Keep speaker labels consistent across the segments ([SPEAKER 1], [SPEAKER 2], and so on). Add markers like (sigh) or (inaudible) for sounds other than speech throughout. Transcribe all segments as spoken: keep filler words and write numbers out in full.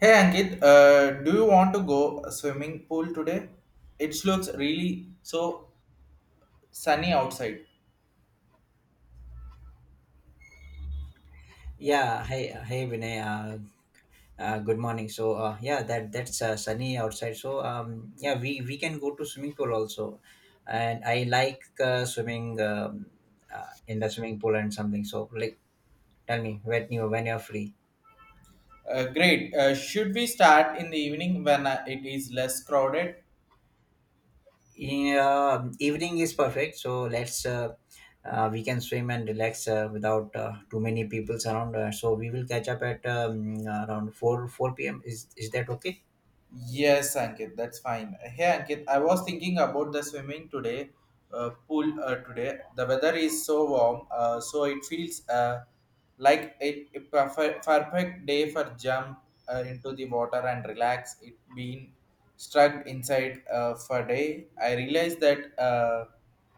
[SPEAKER 1] Hey Ankit, uh, do you want to go swimming pool today? It looks really so sunny outside.
[SPEAKER 2] Yeah, hi, hi, Vinay. Uh, uh, good morning. So, uh, yeah, that that's uh, sunny outside. So, um, yeah, we we can go to swimming pool also, and I like uh, swimming um, uh, in the swimming pool and something. So, like, tell me when you when you're free.
[SPEAKER 1] Uh, great. Uh, Should we start in the evening when uh, it is less crowded?
[SPEAKER 2] Yeah, evening is perfect. So let's uh, uh, we can swim and relax uh, without uh, too many people's around. Uh, so we will catch up at um, around four four p m. Is is that okay?
[SPEAKER 1] Yes, Ankit, that's fine. Hey, Ankit, I was thinking about the swimming today, uh, pool uh, today. The weather is so warm, uh, so it feels uh, like a, a perfect, perfect day for jump uh, into the water and relax. It been stuck inside uh, for day. I realized that uh,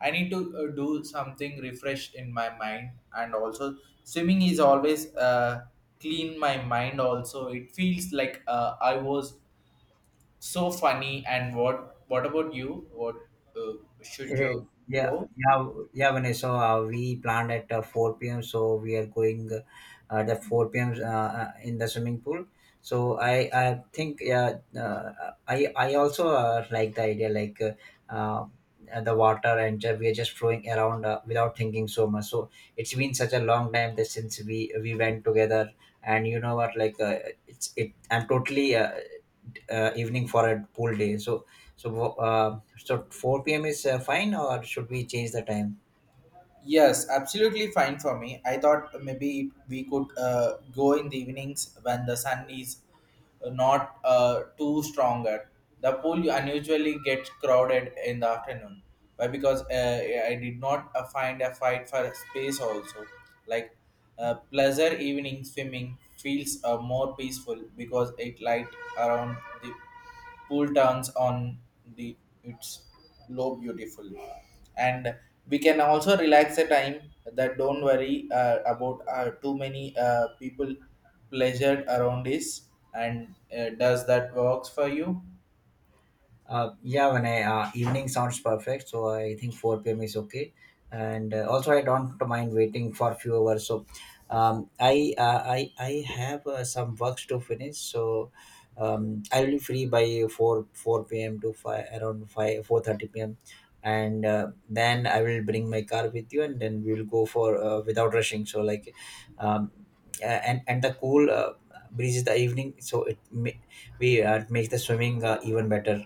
[SPEAKER 1] I need to uh, do something refresh in my mind, and also swimming is always uh, clean my mind. Also, it feels like uh, I was so funny. And what what about you? What uh, should
[SPEAKER 2] Eh,
[SPEAKER 1] you
[SPEAKER 2] Yeah,
[SPEAKER 1] go?
[SPEAKER 2] yeah, w- yeah, Vanessa. So, Uh, we planned at uh, four p m, so we are going uh, at the four p m. Uh, uh, in the swimming pool. So I, I think yeah, uh, I, I also uh, like the idea like uh, uh, the water and ju- we are just flowing around uh, without thinking so much. So it's been such a long time that since we we went together, and you know what, like uh, it's it. I'm totally uh, uh, evening for a pool day. So so, uh, so four p m is uh, fine, or should we change the time?
[SPEAKER 1] Yes, absolutely fine for me. I thought maybe we could uh, go in the evenings when the sun is uh, not uh, too stronger. The pool unusually gets crowded in the afternoon. Why? Because uh, I did not uh, find a fight for space also. Like uh, pleasure evening swimming feels uh, more peaceful because it light around the pool turns on the its glow beautiful, and we can also relax the time that don't worry uh, about uh, too many uh, people pleasured around this, and uh, does that works for you?
[SPEAKER 2] Uh, yeah, when I uh, evening sounds perfect, so I think four p m is okay, and uh, also I don't mind waiting for few hours. So, um, I uh, I I have uh, some works to finish, so um, I will be free by 4 4 p.m. to five around five four thirty p m and uh, then I will bring my car with you, and then we will go for uh, without rushing. So like, um, uh, and and the cool uh, breeze is the evening, so it ma- we uh, make the swimming uh, even better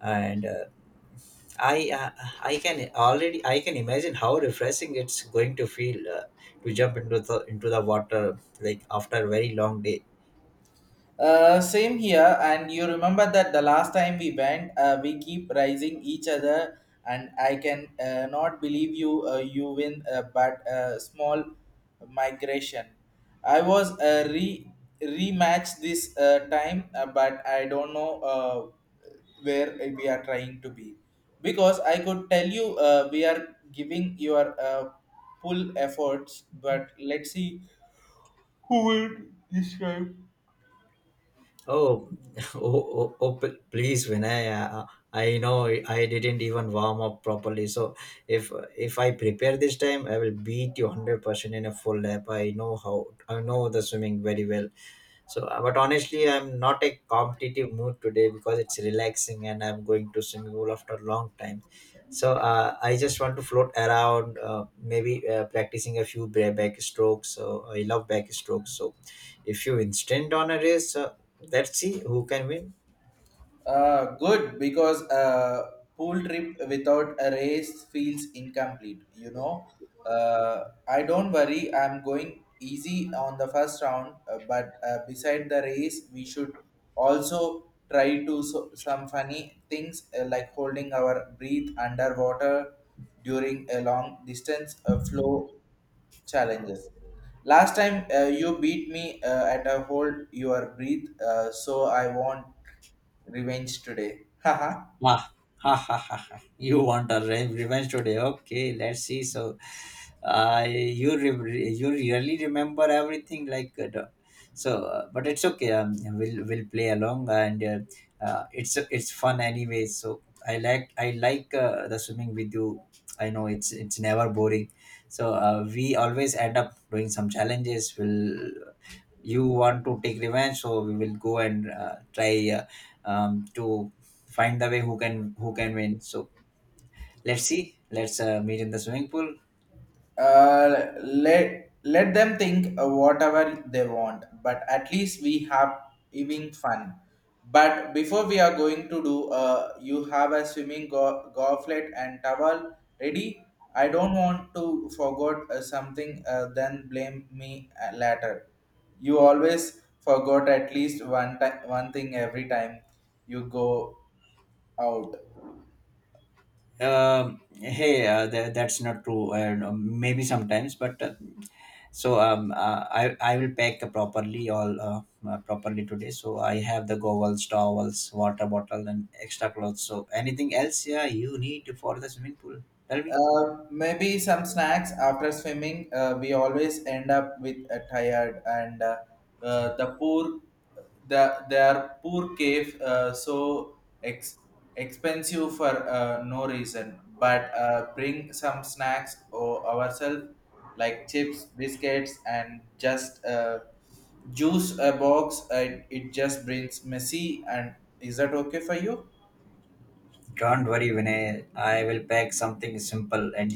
[SPEAKER 2] and uh, I uh, I can already I can imagine how refreshing it's going to feel uh, to jump into the into the water like after a very long day.
[SPEAKER 1] Uh, same here, and you remember that the last time we went, uh, we keep rising each other, and I can uh, not believe you uh, you win, uh, but uh, small migration. I was uh, re rematch this uh, time, uh, but I don't know uh, where we are trying to be, because I could tell you uh, we are giving your uh, full efforts, but let's see who will describe.
[SPEAKER 2] Oh, (laughs) oh, oh, oh, pl- please, Vinay. Uh, uh, I know I didn't even warm up properly. So if if I prepare this time, I will beat you hundred percent in a full lap. I know how I know the swimming very well. So, uh, but honestly, I'm not a competitive mood today because it's relaxing and I'm going to swimming pool after a long time. So uh, I just want to float around, uh, maybe uh, practicing a few bra- back strokes. So I love back strokes. So if you instant on a race, uh, let's see who can win.
[SPEAKER 1] Uh, good because a pool trip without a race feels incomplete. You know, uh, I don't worry. I'm going easy on the first round, uh, but uh, beside the race, we should also try to so- some funny things uh, like holding our breath underwater during a long distance uh, flow challenges. Last time uh, you beat me uh, at a hold your breath, uh, so I want revenge today. (laughs) Haha.
[SPEAKER 2] Ah, ha, ha, ha, ha. You want a re- revenge today? Okay, let's see. So, uh, you re- you really remember everything like uh, the- so, uh, but it's okay. Um, we'll we'll play along, and uh, uh, it's it's fun anyway. So I like I like uh, the swimming with you. I know it's it's never boring. So uh, we always end up doing some challenges. We'll you want to take revenge, so we will go and uh, try uh, um, to find the way who can who can win. So let's see. Let's uh, meet in the swimming pool.
[SPEAKER 1] Uh, let let them think uh, whatever they want, but at least we have having fun. But before we are going to do uh, you have a swimming go- goblet and towel ready. I don't want to forget uh, something uh, then blame me uh, later. You always forgot at least one time one thing every time you go out.
[SPEAKER 2] Um, hey, uh, tha- that's not true. Uh, no, maybe sometimes, but uh, so um, uh, I I will pack properly all uh, uh, properly today. So I have the goggles, towels, water bottle, and extra clothes. So anything else, yeah, you need for the swimming pool. Tell me.
[SPEAKER 1] Uh, maybe some snacks after swimming. Uh, we always end up with a tired and, uh, uh, the poor, the their poor cave uh, so ex- expensive for uh, no reason. But uh, bring some snacks or ourselves like chips, biscuits, and just uh, juice a box. Uh, it, it just brings messy, and is that okay for you?
[SPEAKER 2] Don't worry, Vinay. I will pack something simple. and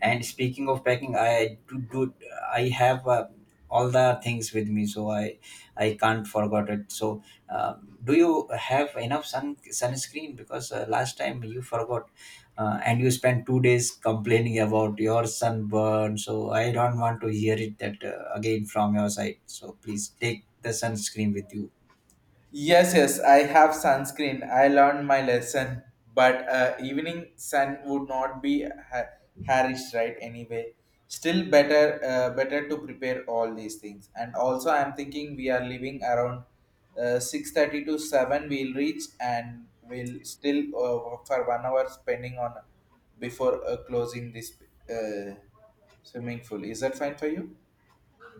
[SPEAKER 2] And speaking of packing, I do, do I have uh, all the things with me, so I I can't forget it. So, um, do you have enough sun sunscreen? Because uh, last time you forgot, uh, and you spent two days complaining about your sunburn. So I don't want to hear it that uh, again from your side. So please take the sunscreen with you.
[SPEAKER 1] Yes, yes, I have sunscreen. I learned my lesson, but uh, evening sun would not be ha- harish, right? Anyway, still better, uh, better to prepare all these things. And also, I'm thinking we are leaving around uh, six thirty to seven. We'll reach, and we'll still uh, work for one hour spending on before uh, closing this uh, swimming pool. Is that fine for you?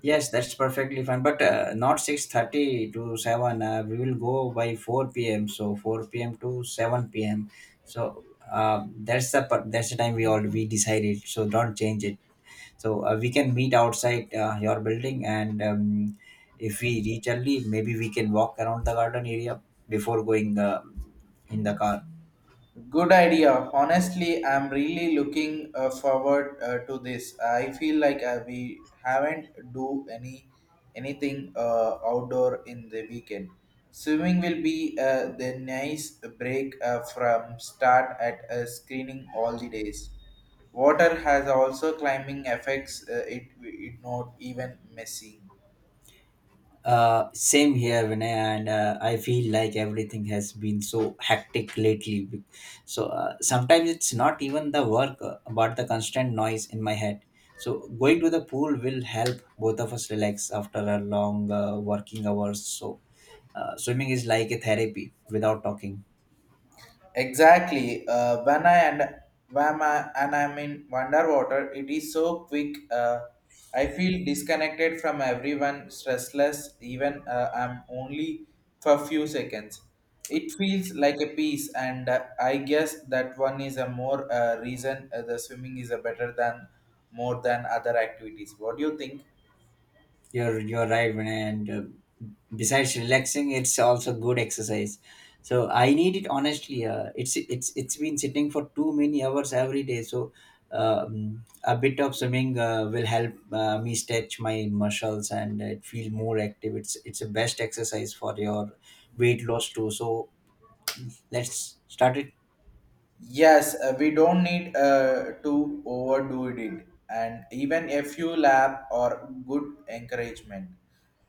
[SPEAKER 2] Yes, that's perfectly fine. But uh, not six thirty to seven. Uh, we will go by four p m. So four p m to seven p m. So uh, that's the per- that's the time we all we decided. So don't change it. So uh, we can meet outside uh, your building, and um, if we reach early, maybe we can walk around the garden area before going uh, in the car.
[SPEAKER 1] Good idea. Honestly, I'm really looking uh, forward uh, to this. I feel like uh, we haven't do any anything uh, outdoor in the weekend. Swimming will be uh, the nice break uh, from start at uh, screening all the days. Water has also climbing effects. Uh, it it not even messy.
[SPEAKER 2] Uh, same here, Vinay, and uh, I feel like everything has been so hectic lately. So uh, sometimes it's not even the work, uh, but the constant noise in my head. So going to the pool will help both of us relax after a long uh, working hours. So uh, swimming is like a therapy without talking.
[SPEAKER 1] Exactly. Uh, when I and when I, and I'm in underwater, it is so quick. Uh, I feel disconnected from everyone, stressless. Even uh, I'm only for few seconds. It feels like a piece, and uh, I guess that one is a more uh, reason uh, the swimming is a better than more than other activities. What do you think?
[SPEAKER 2] you're you're right, Vinay. And uh, besides relaxing, it's also good exercise, so I need it, honestly. Uh, it's it's it's been sitting for too many hours every day, so um, a bit of swimming uh, will help uh, me stretch my muscles and it feel more active. It's it's a best exercise for your weight loss too, so let's start it.
[SPEAKER 1] Yes, uh, we don't need uh, to overdo it, and even a few lap or good encouragement,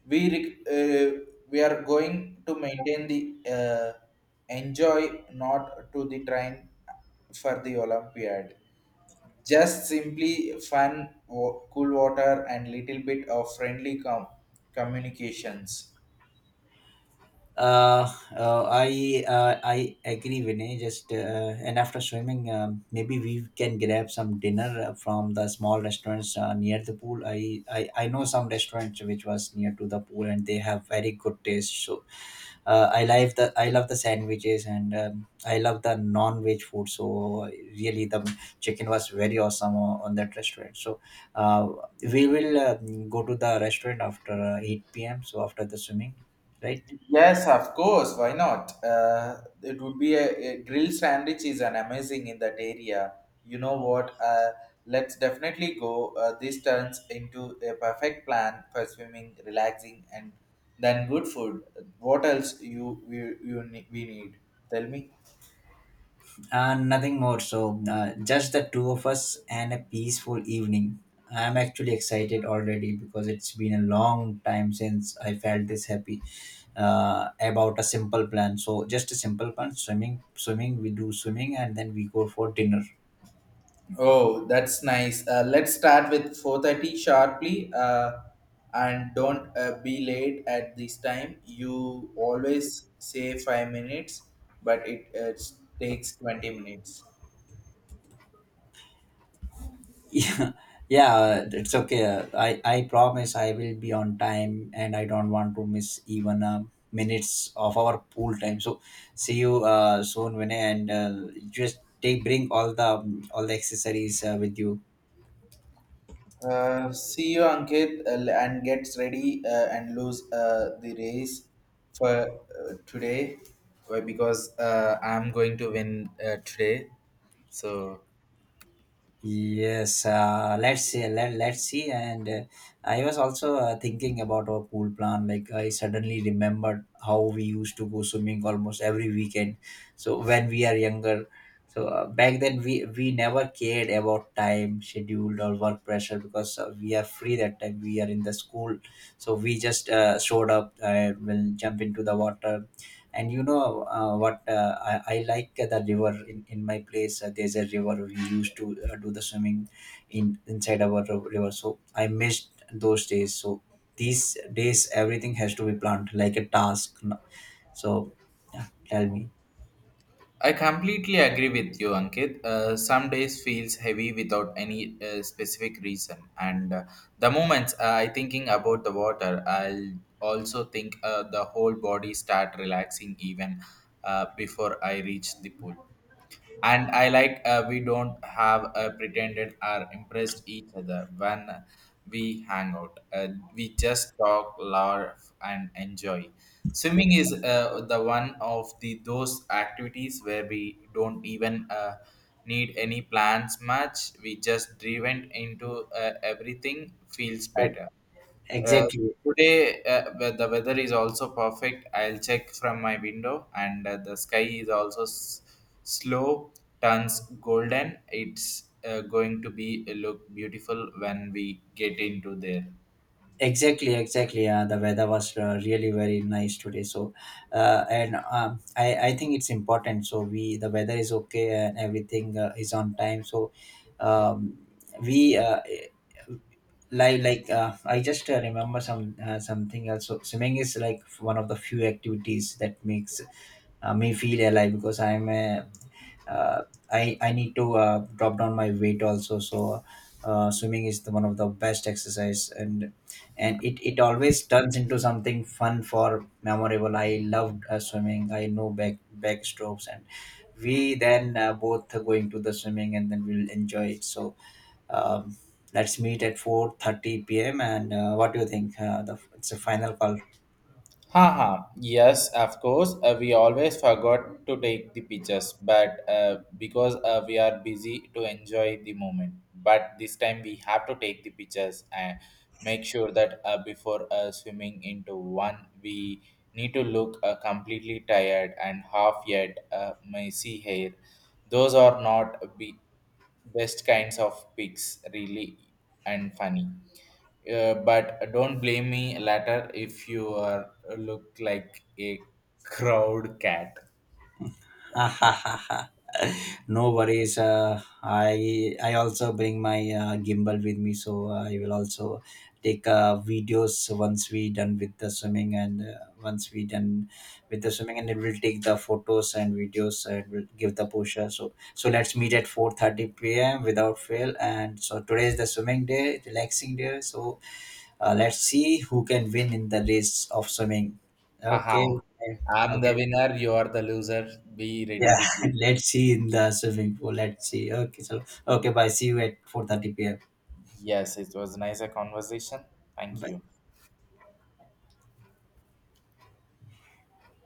[SPEAKER 1] we rec- uh, we are going to maintain the uh, enjoy not to the train for the Olympiad. Just simply fun, wa- cool water, and little bit of friendly com- communications.
[SPEAKER 2] Uh, uh, I uh, I agree, Vinay. Just uh, and after swimming, um, maybe we can grab some dinner uh, from the small restaurants uh, near the pool. I, I I know some restaurants which was near to the pool, and they have very good taste. So uh, I love the I love the sandwiches, and um, I love the non-veg food. So really, the chicken was very awesome o- on that restaurant. So uh, we will uh, go to the restaurant after uh, eight p m. So after the swimming, right?
[SPEAKER 1] Yes, of course. Why not? Uh, it would be a, a grill sandwich is an amazing in that area. You know what? Uh, let's definitely go. Uh, this turns into a perfect plan for swimming, relaxing, and then good food. What else you we you ne- we need? Tell me.
[SPEAKER 2] Uh, nothing more. So, uh, just the two of us and a peaceful evening. I'm actually excited already because it's been a long time since I felt this happy uh, about a simple plan. So, just a simple plan: swimming, swimming. We do swimming, and then we go for dinner.
[SPEAKER 1] Oh, that's nice. Uh, let's start with four thirty sharply, uh, and don't uh, be late at this time. You always say five minutes, but it uh, takes twenty minutes.
[SPEAKER 2] Yeah, yeah, it's okay. I i promise I will be on time, and I don't want to miss even uh, minutes of our pool time, so see you uh, soon, Vinay, and uh, just take bring all the all the accessories uh, with you.
[SPEAKER 1] Uh, see you, Ankit, uh, and gets ready uh, and lose uh, the race for uh, today uh, because uh, I'm going to win uh, today. So
[SPEAKER 2] Yes, uh, let's see. Let, let's see. And uh, I was also uh, thinking about our pool plan. Like, I suddenly remembered how we used to go swimming almost every weekend. So, when we are younger, so uh, back then we, we never cared about time, schedule, or work pressure because uh, we are free that time. We are in the school. So, we just uh, showed up and will jump into the water, and you know uh, what? Uh, I, I like the river in, in my place. Uh, there's a river we used to uh, do the swimming in inside our ri- river. So I missed those days. So these days, everything has to be planned like a task. no- So yeah, tell me.
[SPEAKER 1] I completely agree with you, Ankit. Uh, some days feels heavy without any uh, specific reason, and uh, the moments uh, I thinking about the water, I'll also think uh, the whole body start relaxing even uh, before I reach the pool, and I like uh, we don't have uh, pretended or impressed each other when we hang out. Uh, we just talk, laugh and enjoy. Swimming is uh, the one of the those activities where we don't even uh, need any plans much. We just driven into uh, everything feels
[SPEAKER 2] Uh,
[SPEAKER 1] better. uh,
[SPEAKER 2] Exactly.
[SPEAKER 1] today, uh, wea- the weather is also perfect. I'll check from my window, and uh, the sky is also s- slow turns golden. It's uh, going to be uh, look beautiful when we get into there.
[SPEAKER 2] Exactly, exactly, yeah, the weather was uh, really very nice today. So uh, and um, i i think it's important, so we the weather is okay and everything uh, is on time. So um, we uh, like like uh, I just uh, remember some uh, something else. So swimming is like one of the few activities that makes uh, me feel alive, because I'm a uh, I I need to uh, drop down my weight also. So uh, swimming is the, one of the best exercise, and and it it always turns into something fun for memorable. I loved uh, swimming. I know back back strokes, and we then uh, both are going to the swimming, and then we'll enjoy it. So. Um, Let's meet at four thirty p m. And uh, what do you think? Uh, the, it's a final call.
[SPEAKER 1] Haha, yes, of course. Uh, we always forgot to take the pictures, but uh, because uh, we are busy to enjoy the moment. But this time we have to take the pictures and make sure that uh, before uh, swimming into one, we need to look uh, completely tired and half yet uh, messy hair. Those are not be best kinds of pics, really and funny. Uh, but don't blame me later if you are look like a crowd cat.
[SPEAKER 2] (laughs) No worries. Uh, I I also bring my uh, gimbal with me, so I will also take uh, videos once we done with the swimming, and uh, once we done with the swimming, and it will take the photos and videos, and will give the posture. So so let's meet at four thirty p m without fail. And so today is the swimming day, relaxing day. So uh, let's see who can win in the race of swimming. Okay.
[SPEAKER 1] Haha. I'm the
[SPEAKER 2] Okay.
[SPEAKER 1] winner, you are the loser. Be ready
[SPEAKER 2] Yeah,
[SPEAKER 1] with you.
[SPEAKER 2] (laughs) let's see in the swimming pool. Let's see. Okay, so okay, bye. See you at four thirty p m.
[SPEAKER 1] Yes, it was nice a conversation. Thank
[SPEAKER 2] Bye.
[SPEAKER 1] you.